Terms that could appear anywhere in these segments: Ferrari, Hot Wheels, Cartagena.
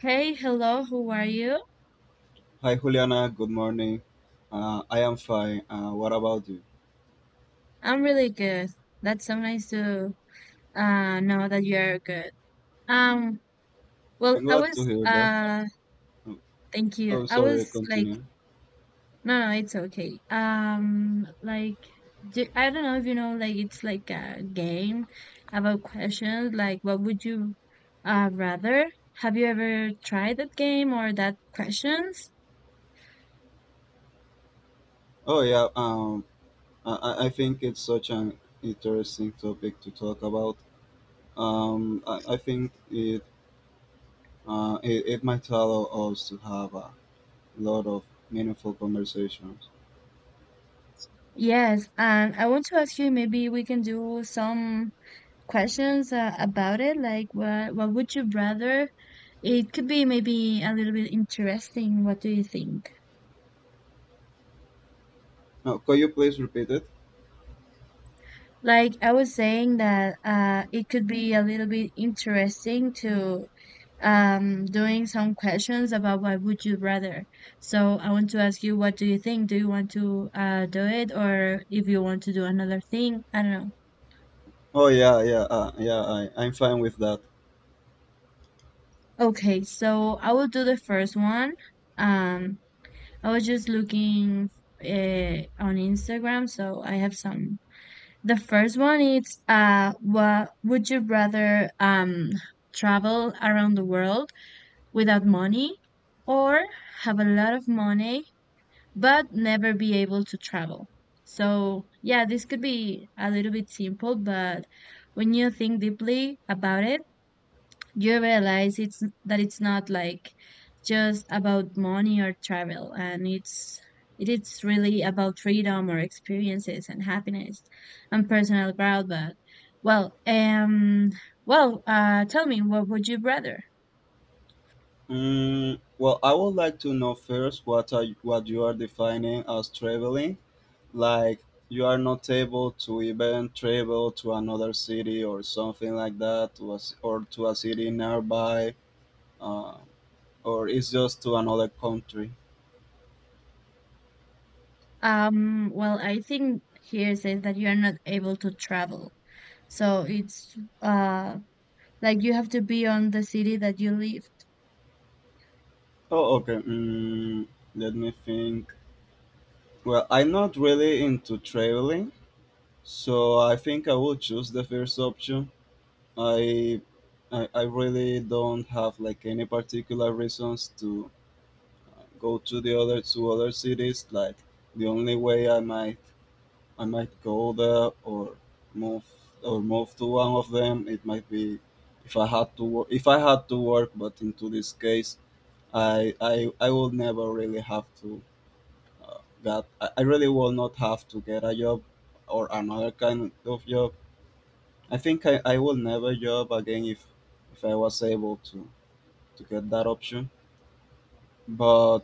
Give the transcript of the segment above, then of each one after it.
Hey, hello, how are you? Hi Juliana, good morning. I am fine. What about you? I'm really good. That's so nice to know that you are good. Um, well, I'm I glad to was hear that. Thank you. Oh, I was sorry, like, continue. no, no, it's okay. I don't know if you know, like, it's like a game about questions. Like, what would you rather? Have you ever tried that game or that questions? Oh, yeah, I think it's such an interesting topic to talk about. I think it might allow us to have a lot of meaningful conversations. Yes, and I want to ask you, maybe we can do some questions about it, like what would you rather? It could be maybe a little bit interesting. What do you think? Now, could you please repeat it? Like, I was saying that it could be a little bit interesting to doing some questions about what would you rather. So I want to ask you, what do you think? Do you want to do it, or if you want to do another thing, I don't know. Oh, yeah, yeah, yeah, I'm fine with that. Okay, so I will do the first one. um I was just looking on Instagram, so I have some. The first one is, what would you rather, travel around the world without money, or have a lot of money but never be able to travel? So, yeah, this could be a little bit simple, but when you think deeply about it, you realize it's that it's not like just about money or travel, and it's it is really about freedom or experiences and happiness and personal growth, but well um well, tell me, what would you rather? Mm, well, I would like to know first what you are defining as traveling, like, you are not able to even travel to another city or something like that, to a city nearby, uh, or it's just to another country? Well, I think here says that you are not able to travel, so it's uh like you have to be on the city that you live. Oh, okay. Let me think. Well, I'm not really into traveling, so I think I will choose the first option. I i, I really don't have like any particular reasons to go to the other to other cities. Like, the only way I might go there or move to one of them. It might be if I had to work, if I had to work, but into this case, I will never really have to get. I really will not have to get a job or another kind of job. I think I will never job again if I was able to get that option. But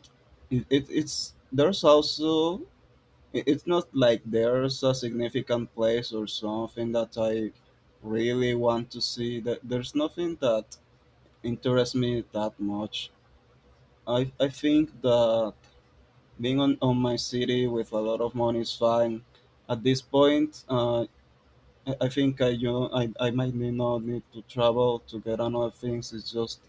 it it's there's also it's not like there's a significant place or something that I really want to see. That There's nothing that interests me that much. I think that being on my city with a lot of money is fine. At this point, I think I, you know, I might need not need to travel to get another things. It's just,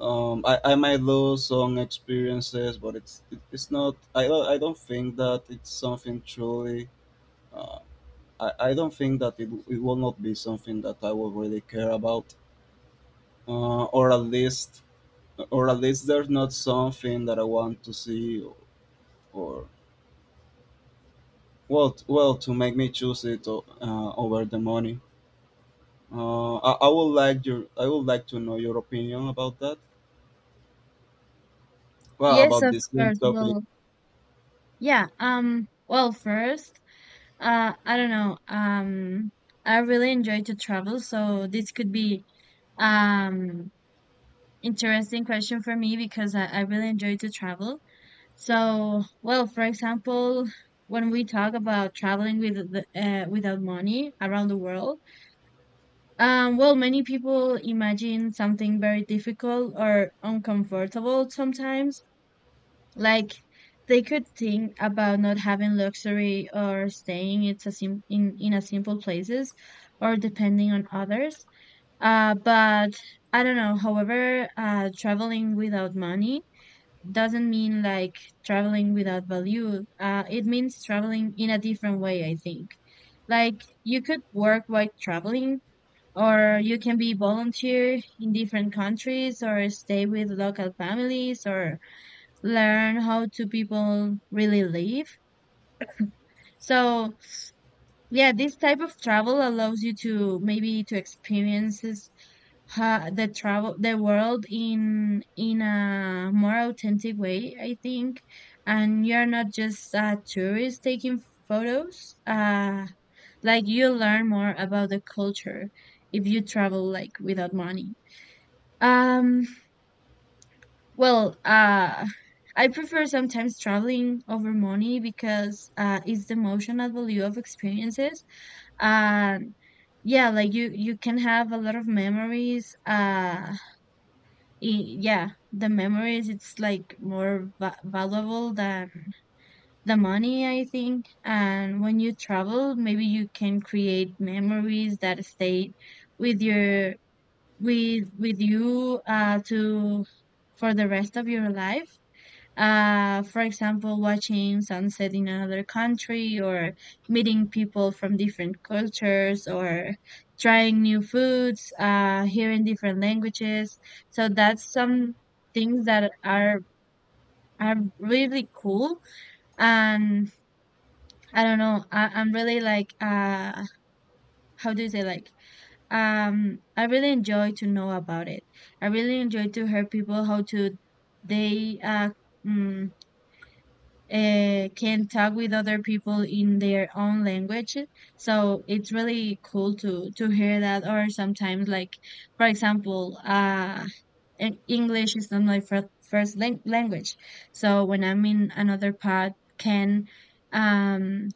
I might lose some experiences, but it's not. I don't think that it's something truly, uh, I don't think that it will not be something that I will really care about, or at least, there's not something that I want to see, or, well, to make me choose it over the money. I would like I would like to know your opinion about that. Well, Yes, about of this same course. topic. Well, yeah. Well, first, I don't know. I really enjoy to travel, so this could be um interesting question for me, because I really enjoy to travel. So, well, for example, when we talk about traveling with the, without money around the world, well, many people imagine something very difficult or uncomfortable sometimes. Like, they could think about not having luxury or staying it's a in a simple places, or depending on others. But I don't know. However, traveling without money doesn't mean like traveling without value. It means traveling in a different way, I think. Like, you could work while traveling, or you can be volunteer in different countries, or stay with local families, or learn how do people really live. So yeah, this type of travel allows you to maybe to experiences ha the travel the world in a more authentic way, I think. And you're not just a tourist taking photos. Like, you learn more about the culture if you travel like without money. Um, Well, uh, I prefer sometimes traveling over money, because it's the emotional value of experiences. And yeah, like, you can have a lot of memories. Yeah, the memories, it's like more valuable than the money, I think. And when you travel, maybe you can create memories that stay with your with you to for the rest of your life, for example, watching sunset in another country, or meeting people from different cultures, or trying new foods, hearing different languages. So that's some things that are really cool. And I don't know, I'm really like, how do you say, like, I really enjoy to know about it. I really enjoy to hear people how to they mm, can talk with other people in their own language. So it's really cool to hear that. Or sometimes, like, for example, English is not my first language. So when I'm in another part, can um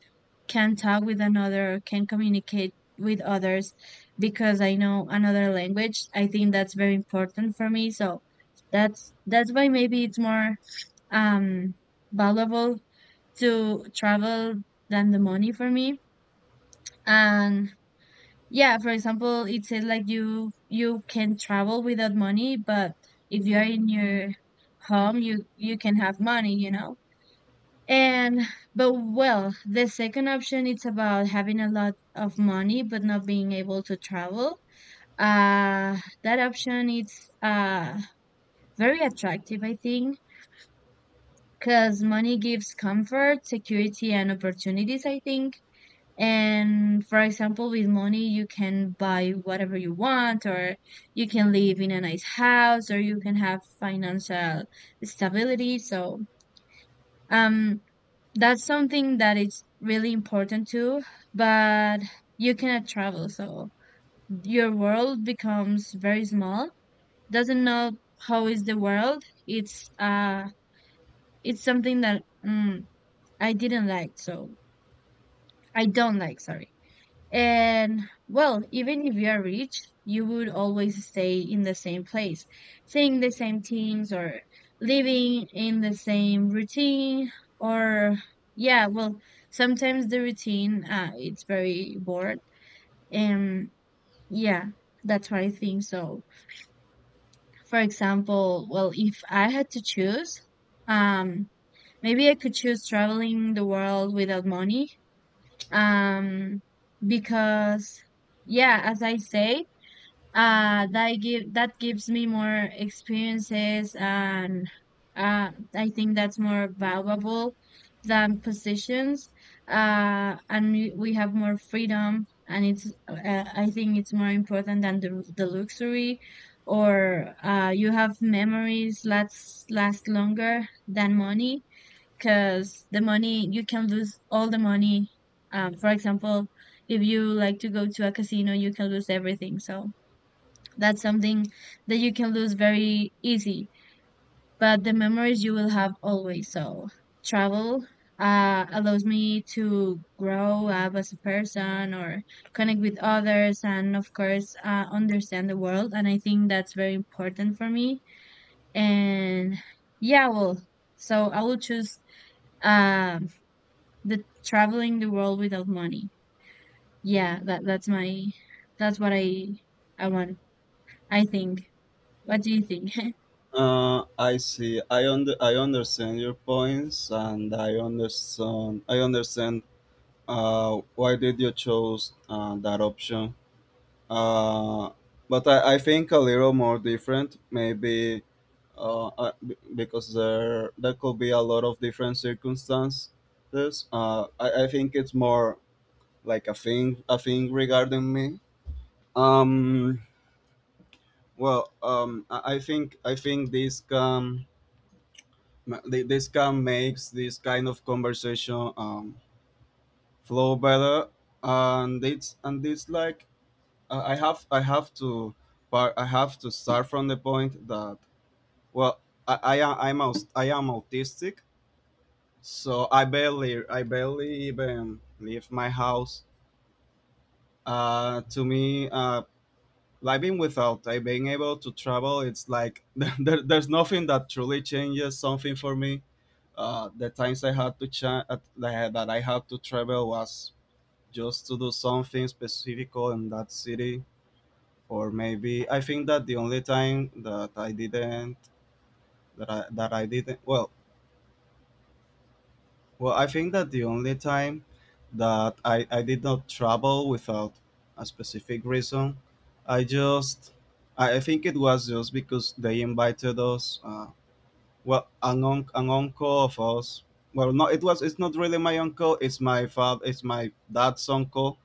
can talk with another, can communicate with others because I know another language. I think that's very important for me. So that's why maybe it's more um valuable to travel than the money for me. And yeah, for example, it says like you can travel without money, but if you are in your home, you can have money, you know. And but well, the second option it's about having a lot of money but not being able to travel. Uh that option is uh very attractive, I think, because money gives comfort, security, and opportunities, I think. And for example, with money, you can buy whatever you want, or you can live in a nice house, or you can have financial stability. So, um, that's something that is really important too, but you cannot travel. So your world becomes very small. Doesn't know how is the world. It's, uh, it's something that, I didn't like. So I don't like, sorry. And well, even if you are rich, you would always stay in the same place, seeing the same teams, or living in the same routine, or yeah, well, sometimes the routine it's very bored. And yeah, that's what I think. So, for example, well, if I had to choose, um, maybe I could choose traveling the world without money. Um, because yeah, as I say, that give that gives me more experiences, and I think that's more valuable than positions, and we have more freedom, and it's I think it's more important than the luxury, or you have memories last longer than money, because the money, you can lose all the money. For example, if you like to go to a casino, you can lose everything, so that's something that you can lose very easy, but the memories, you will have always. So travel allows me to grow up as a person, or connect with others, and of course, understand the world, and I think that's very important for me. And yeah, well, so I will choose um the traveling the world without money. Yeah, that that's my that's what I want I think. What do you think? I see. I understand your points, and I understand. Why did you choose that option? Uh, but I think a little more different, maybe, uh, uh, because there could be a lot of different circumstances. I think it's more like a thing regarding me. Um, well, I think this can this can makes this kind of conversation flow better, and it's like I have to, but I have to start from the point that, well, I'm I am autistic, so I barely even leave my house. To me, living without I being able to travel, it's like, there, there's nothing that truly changes something for me. The times I had to cha- at- that I had to travel was just to do something specific in that city. Or maybe, I think that the only time that I didn't well well I think that the only time that I did not travel without a specific reason, I just I think it was just because they invited us, an uncle of us. Well, no, it's not really my uncle, it's my father, it's my dad's uncle.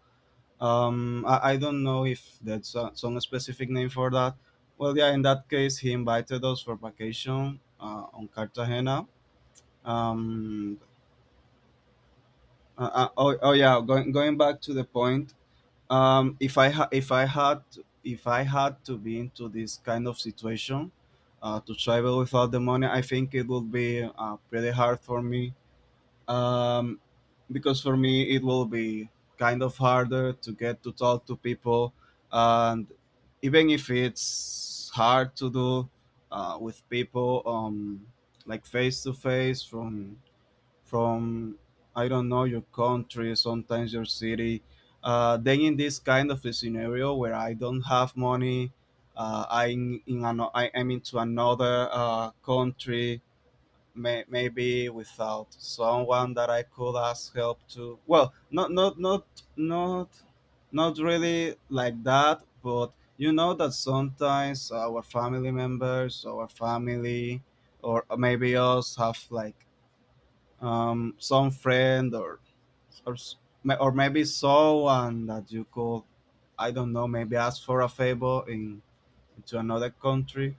I don't know if that's a, some specific name for that. Well, yeah, in that case, he invited us for vacation on Cartagena. Um, oh yeah, going back to the point. If I had to be into this kind of situation, to travel without the money, I think it would be pretty hard for me, um, because for me it will be kind of harder to get to talk to people. And even if it's hard to do with people, like face to face, from I don't know your country, sometimes your city, then in this kind of a scenario where I don't have money, I am into another country, maybe without someone that I could ask help to. Well, not not really like that, but you know that sometimes our family members, our family, or maybe us have like, some friend or or s- maybe someone that you could, I don't know, maybe ask for a favor in to another country.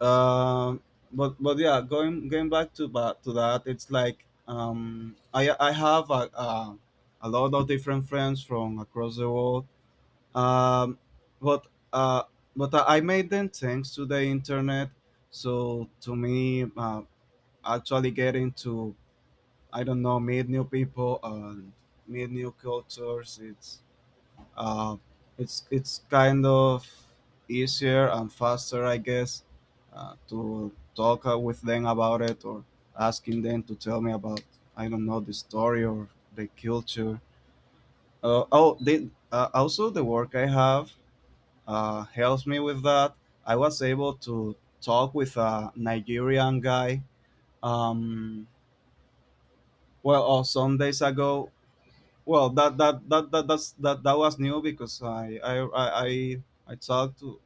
Um, but yeah, going back to that, it's like, um, I have a lot of different friends from across the world. Um, but uh I made them thanks to the internet. So to me, actually getting to, I don't know, meet new people and meet new cultures, it's, uh, it's it's kind of easier and faster, I guess, to talk with them about it, or asking them to tell me about, I don't know, the story or the culture. Also the work I have helps me with that. I was able to talk with a Nigerian guy. Um, well, or some days ago. Well, that that that, that that's that that was new because I talked to,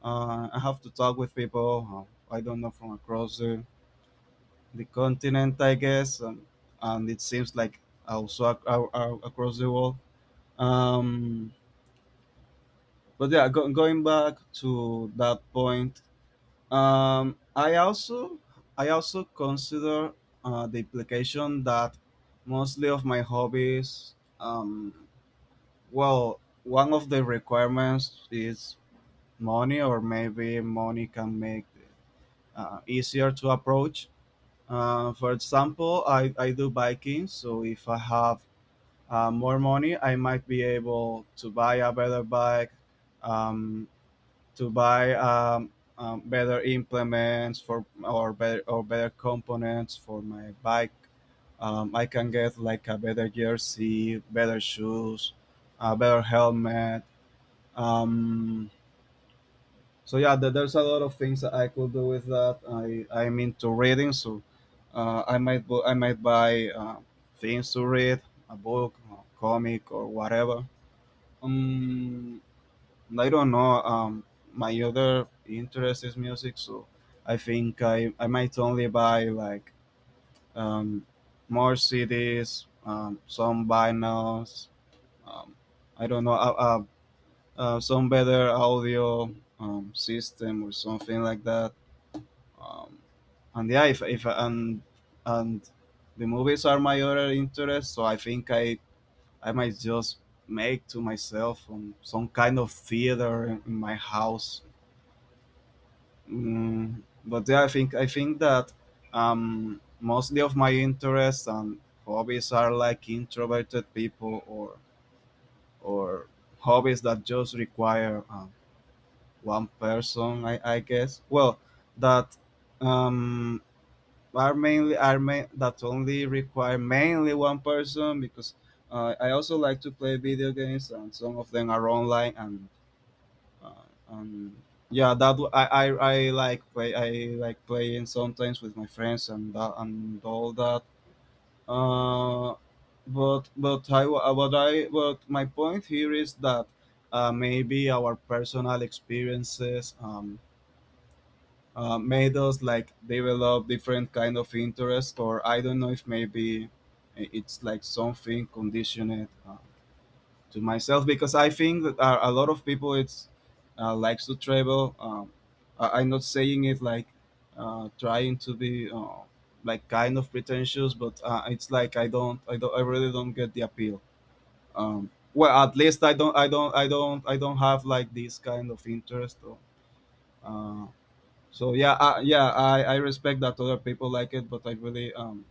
I have to talk with people. I don't know, from across the continent, I guess, and it seems like also across the world. Um, but yeah, going back to that point, um, I also I also consider the implication that mostly of my hobbies, um, well, one of the requirements is money, or maybe money can make easier to approach. For example, I do biking, so if I have more money, I might be able to buy a better bike, um, to buy, better implements for, or better, or better components for my bike. I can get like a better jersey, better shoes, a better helmet. Um, so yeah, there, there's a lot of things that I could do with that. I I'm into reading, so I might buy, things to read, a book, a comic, or whatever. Um i don't know, um, my other interest is music, so I think I might only buy like, um, more CDs, um, some vinyls, um, I don't know, some better audio, system or something like that, um, and yeah, if and and the movies are my other interest, so I think I might just make to myself, some kind of theater in my house. Mm, but yeah, I think that, mostly of my interests and hobbies are like introverted people, or hobbies that just require, one person, I guess. Well that um, are mainly are main, That only require mainly one person, because I also like to play video games and some of them are online. And uh, and yeah, that w- I like play I like playing sometimes with my friends and that and all that, uh, but I wa- but I but my point here is that, maybe our personal experiences, made us like develop different kind of interest, or I don't know if maybe it's like something conditioned, to myself, because I think that, a lot of people it's, likes to travel. Um, I'm not saying it like, trying to be, like kind of pretentious, but, it's like I really don't get the appeal. Um, well, at least I don't have like this kind of interest, or, uh, so yeah, yeah, I respect that other people like it, but I really,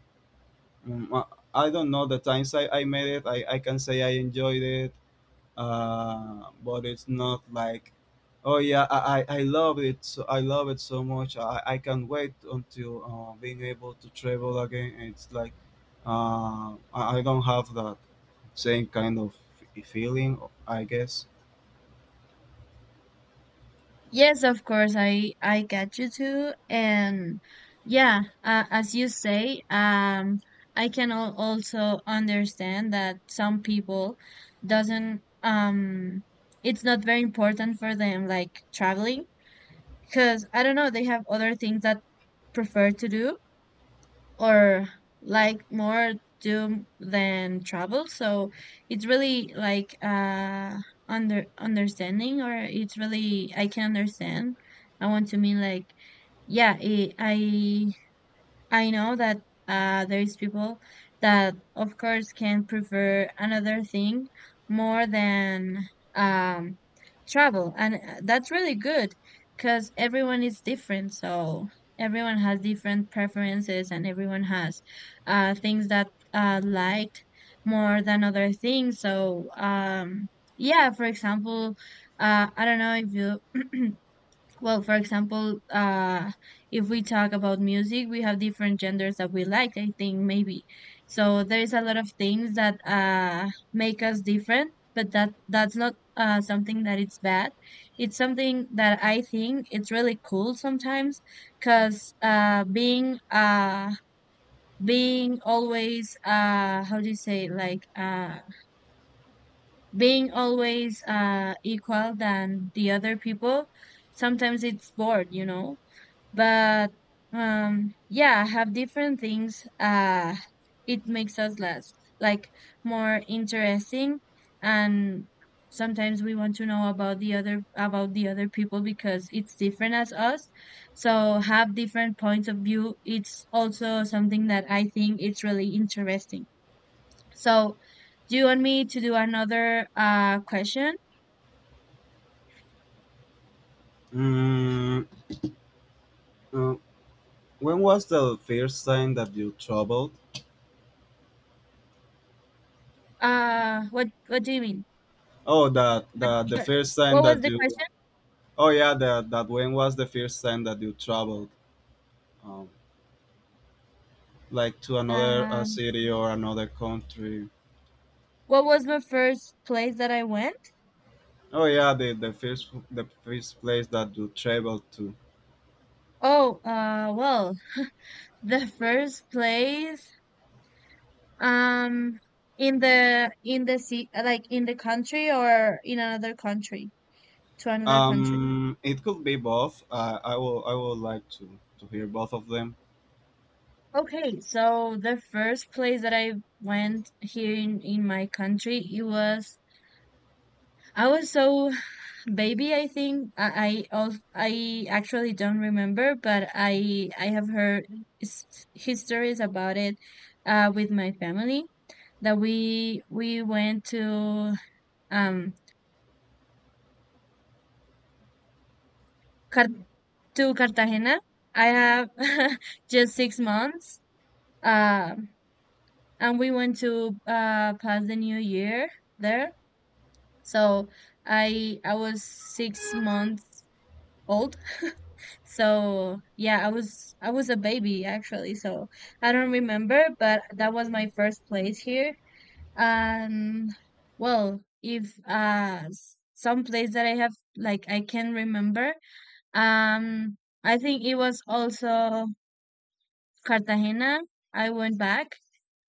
mm, uh, I don't know, the times I made it, I can say I enjoyed it, but it's not like, oh yeah, I love it. So I love it so much. I can't wait until being able to travel again. It's like, I don't have that same kind of feeling, I guess. Yes, of course, I get you too, and yeah, as you say, I can al also understand that some people doesn't, it's not very important for them like traveling, because I don't know, they have other things that prefer to do, or like more doom than trouble. So it's really like under understanding, or it's really I can understand. I want to mean like yeah, it, I know that there is people that, of course, can prefer another thing more than um, travel, and that's really good because everyone is different. So everyone has different preferences, and everyone has things that liked more than other things. So yeah, for example, I don't know if you, well, for example, if we talk about music, we have different genders that we like, I think maybe. So there's a lot of things that make us different, but that that's not something that it's bad. It's something that I think it's really cool sometimes, because being always, how do you say like, being always equal than the other people, sometimes it's bored, you know. But yeah, have different things it makes us less like more interesting. And sometimes we want to know about the other, about the other people, because it's different as us. So have different points of view. It's also something that I think it's really interesting. So do you want me to do another question? Mm, uh, when was the first time that you traveled? Uh, what do you mean? Oh, that What The what, first what time was that the you. question? Oh yeah, that that when was the first time that you traveled, um, like to another Um, city or another country? what was the first place that I went? Oh yeah, the first place that you traveled to. Oh, well, the first place, um, in the sea, like in the country or in another country, to another country. It could be both. I would like to hear both of them. Okay, so the first place that I went here in my country, it was I was so baby, I think I actually don't remember, but I have heard his, his stories about it with my family, that we went to um Car to Cartagena. I have just 6 months, uh, and we went to pass the new year there. So I was 6 months old. So yeah, I was a baby actually, so I don't remember, but that was my first place here. And well, if some place that I have like I can remember, um I think it was also Cartagena. I went back,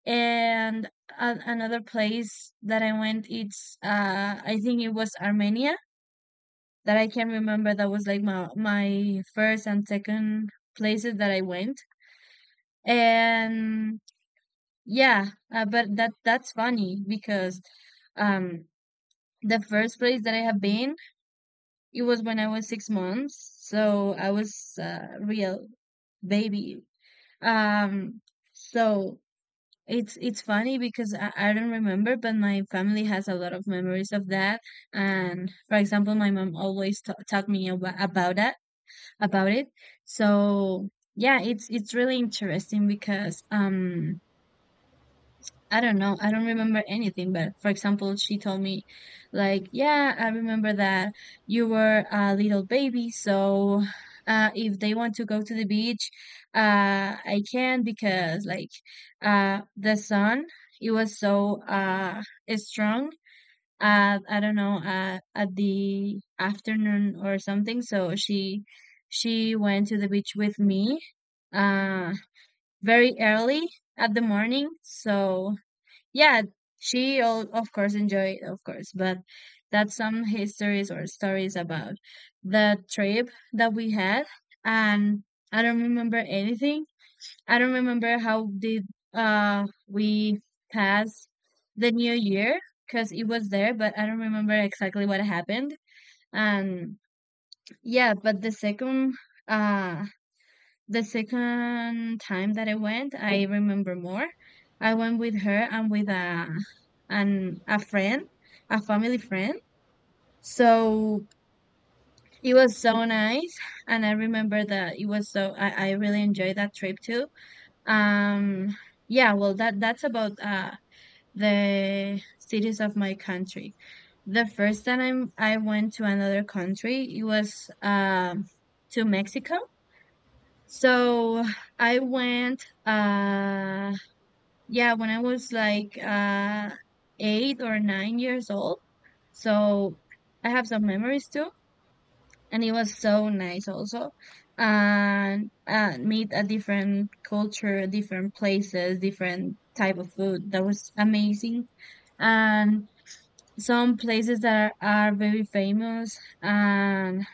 and another place that I went it's I think it was Armenia, that I can remember, that was like my first and second places that I went. And yeah, but that that's funny because um the first place that I have been, it was when I was 6 months, so I was real baby. Um, so it's funny because I don't remember, but my family has a lot of memories of that. And for example, my mom always talked me about that. About it. So yeah, it's really interesting because I don't know, I don't remember anything, but for example, she told me like, yeah, I remember that you were a little baby, so if they want to go to the beach, I can because like the sun it was so strong at I don't know at the afternoon or something. So she went to the beach with me uh very early at the morning. So yeah, she all, of course enjoyed of course, but that's some histories or stories about the trip that we had and I don't remember anything. I don't remember how did we pass the new year because it was there, but I don't remember exactly what happened. And yeah, but uh the second time that I went, I remember more. I went with her and with a and a friend, a family friend. So it was so nice, and I remember that it was so I really enjoyed that trip too. Um, yeah, well, that's about the cities of my country. The first time I went to another country, it was um, to Mexico. So I went, yeah, when I was like 8 or 9 years old. So I have some memories too, and it was so nice also, and meet a different culture, different places, different type of food. That was amazing, and some places that are very famous. And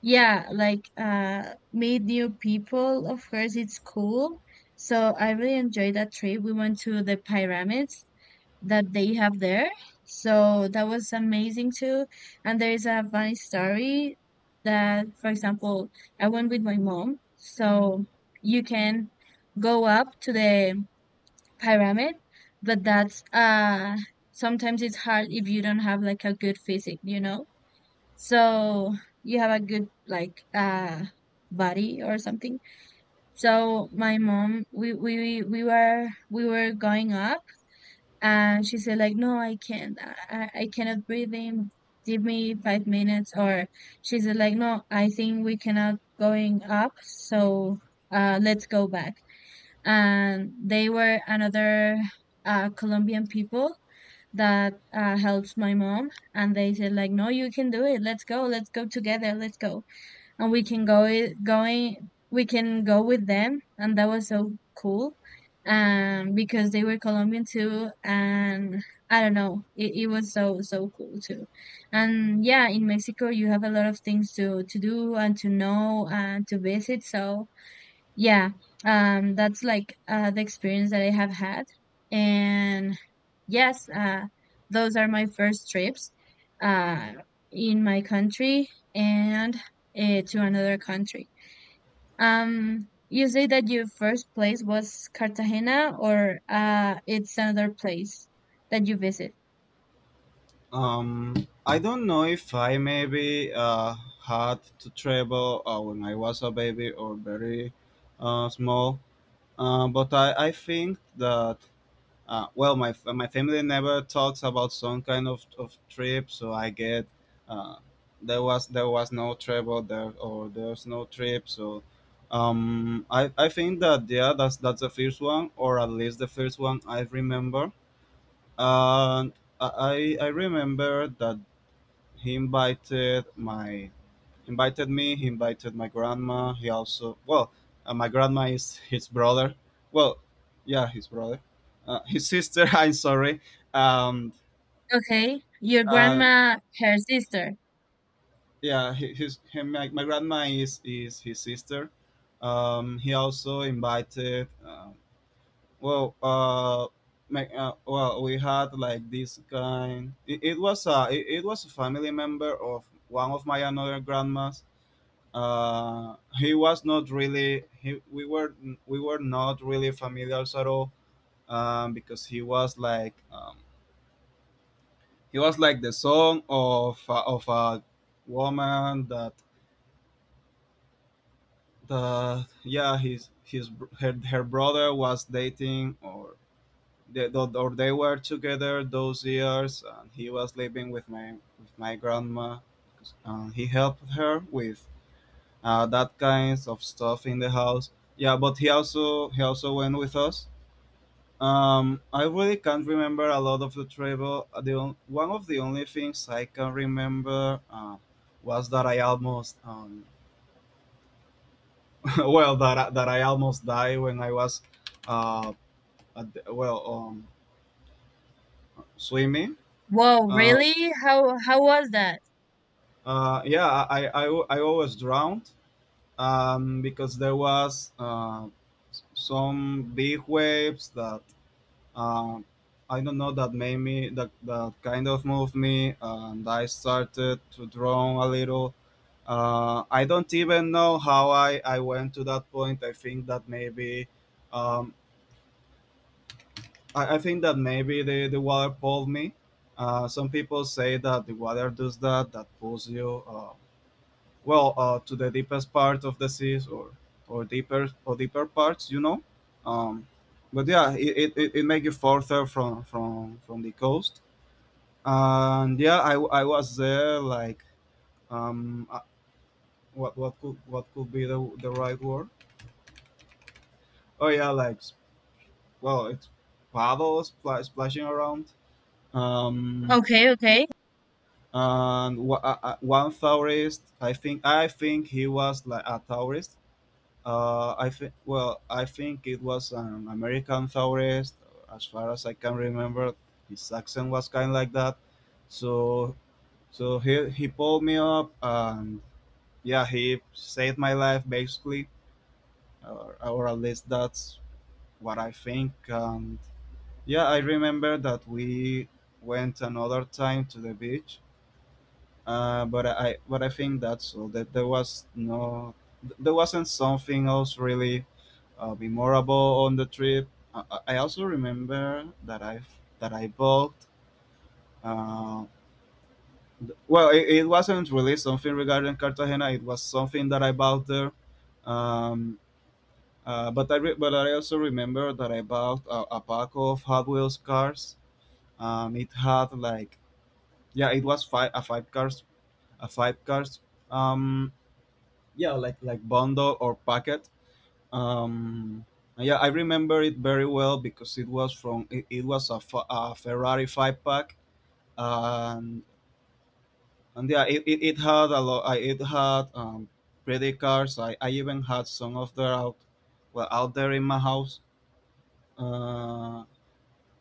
yeah, like meet new people, of course it's cool. So I really enjoyed that trip. We went to the pyramids that they have there. So that was amazing too. And there's a funny story that, for example, I went with my mom. So you can go up to the pyramid, but that's sometimes it's hard if you don't have like a good physique, you know? So you have a good like body or something. So my mom, we were going up and she said like, no, I can't, I cannot breathe in, give me 5 minutes. Or she said like, no, I think we cannot going up. So let's go back. And they were another colombian people that helps my mom, and they said like, no, you can do it, let's go, let's go together, let's go. And we can go I- going we can go with them, and that was so cool, um, because they were Colombian too. And I don't know, it was so so cool too. And yeah, in Mexico you have a lot of things to do and to know and to visit. So yeah, that's like the experience that I have had. And yes, those are my first trips, uh, in my country, and to another country. You say that your first place was Cartagena, or it's another place that you visit. Um, I don't know if I maybe had to travel when I was a baby or very small. But I think that. My my family never talks about some kind of trip, so I get. uh, there was no travel there, or there's no trip. So I think that, yeah, that's the first one, or at least the first one I remember. And I remember that he invited me. He invited my grandma. He also, well, my grandma is his brother. Well, yeah, his brother, his sister. I'm sorry. Um, Okay, your uh, grandma, her sister. yeah, my grandma is his sister. He also invited. Well, well, we had like this kind. It was a. it was a family member of one of my another grandmas. He was not really. We were not really familiar at all, because he was like, he was like the son of, of a woman that. Yeah, her brother was dating, or they were together those years, and he was living with my grandma. He helped her with, that kinds of stuff in the house. Yeah, but he also went with us. I really can't remember a lot of the travel. One of the only things I can remember, was that I almost, well, that I almost died when I was, uh, at the. Swimming. Whoa, Um really? How was that? Yeah, I always drowned, because there was, some big waves that. Um, I don't know, that made me, that kind of moved me, and I started to draw a little. I don't even know how I went to that point. I think that maybe, um, I think that maybe the water pulled me. Some people say that the water does that, that pulls you. To the deepest part of the seas, or deeper, or deeper parts um, but yeah, it makes you further from the coast, and yeah, I was there like, um uh, what could be the right word. Oh yeah, like, s- well it's paddles, splashing around. um Okay, okay, and one tourist, I think he was like a tourist. I think it was an American tourist. As far as I can remember, his accent was kind of like that. So, so he pulled me up, and yeah, he saved my life, basically, or at least that's what I think. And yeah, I remember that we went another time to the beach, but I think that's all. That there was no, There wasn't something else really, memorable on the trip. I also remember that I bought. Uh, it wasn't really something regarding Cartagena. It was something that I bought there. Um, but but I also remember that I bought a pack of Hot Wheels cars. It had like, yeah, it was five a five cars a five cars, um yeah, like, bundle or packet. um yeah, I remember it very well, because it was a Ferrari five pack. And and yeah, it had a lot, it had, pretty cars. I even had some of their out, well, out there in my house. uh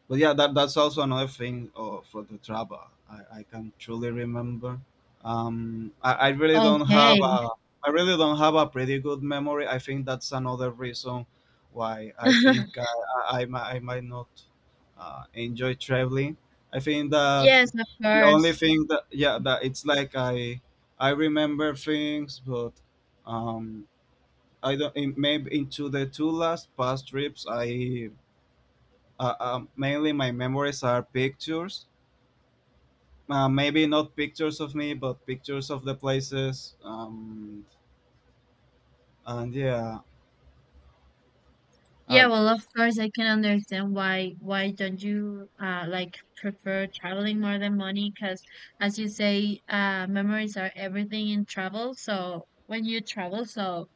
But yeah, that's also another thing, for the travel. I can truly remember. Um, I, I really don't have okay. a I really don't have a pretty good memory. I think that's another reason why I think, I might not, enjoy traveling. I think that Yes, of the only course. thing that, yeah, that it's like I remember things, but, um, I don't in, maybe into the two last past trips I mainly my memories are pictures. Maybe not pictures of me, but pictures of the places. And yeah, Yeah, uh, well, of course, I can understand why don't you like prefer traveling more than money? Because as you say, memories are everything in travel. So when you travel, so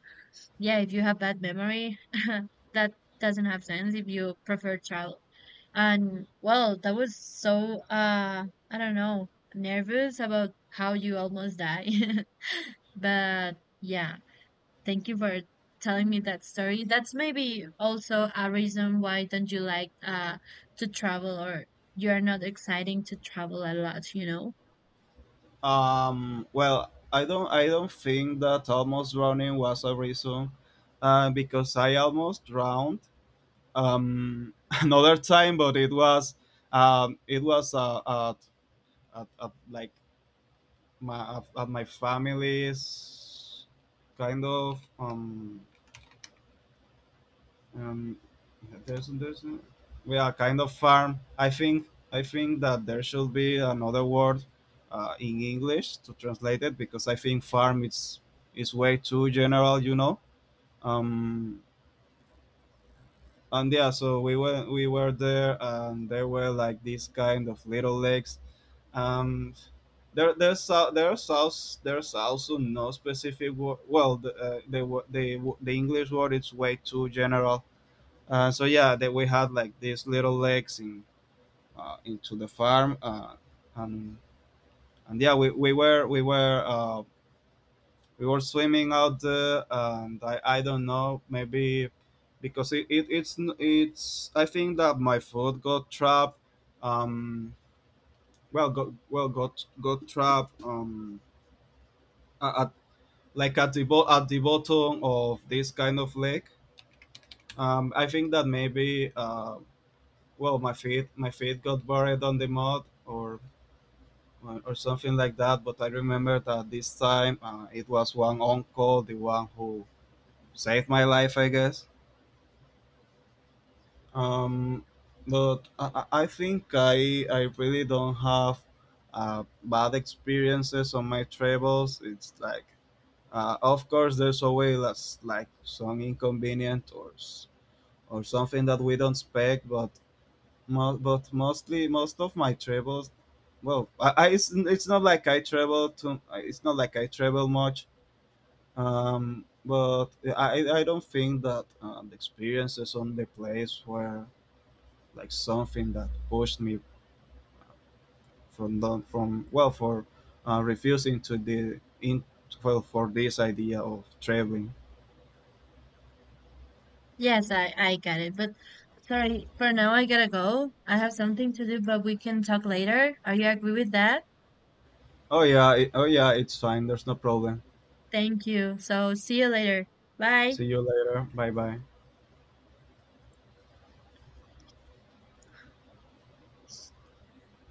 yeah, if you have bad memory, that doesn't have sense if you prefer travel. And well, that was so I don't know, nervous about how you almost die. But yeah. Thank you for telling me that story. That's maybe also a reason why don't you like to travel or you're not exciting to travel a lot, you know? Well, I don't think that almost drowning was a reason, because I almost drowned, um, another time, but it was, it was, at, at like at my family's, kind of. Um, there's We are kind of farm. I think that there should be another word, in English to translate it, because I think farm is way too general. Um, and Yeah, so we were there, and there were like these kind of little lakes. Um, there's also no specific word. Well, the English word is way too general. So yeah, that we had like these little legs in, into the farm, and and yeah, we were swimming out there, and I don't know, maybe because it it's n- it's I think that my foot got trapped, um, got trapped, at, like at the. At the bottom of this kind of lake. I think that maybe, well, my feet got buried on the mud, or something like that. But I remember that this time, it was one uncle, the one who saved my life, I guess. Um, but I think I really don't have, bad experiences on my travels. It's like, of course, there's always like some inconvenient, or something that we don't expect, but. Most of my travels, well, it's not like I travel much, but I don't think that, the experiences on the place were like something that pushed me from, well, for, refusing to the in, well, for this idea of traveling. Yes, I get it. But sorry, for now I gotta go. I have something to do, but we can talk later. Are you agree with that? Oh yeah, it's fine, there's no problem. Thank you. So see you later. Bye. See you later. Bye bye.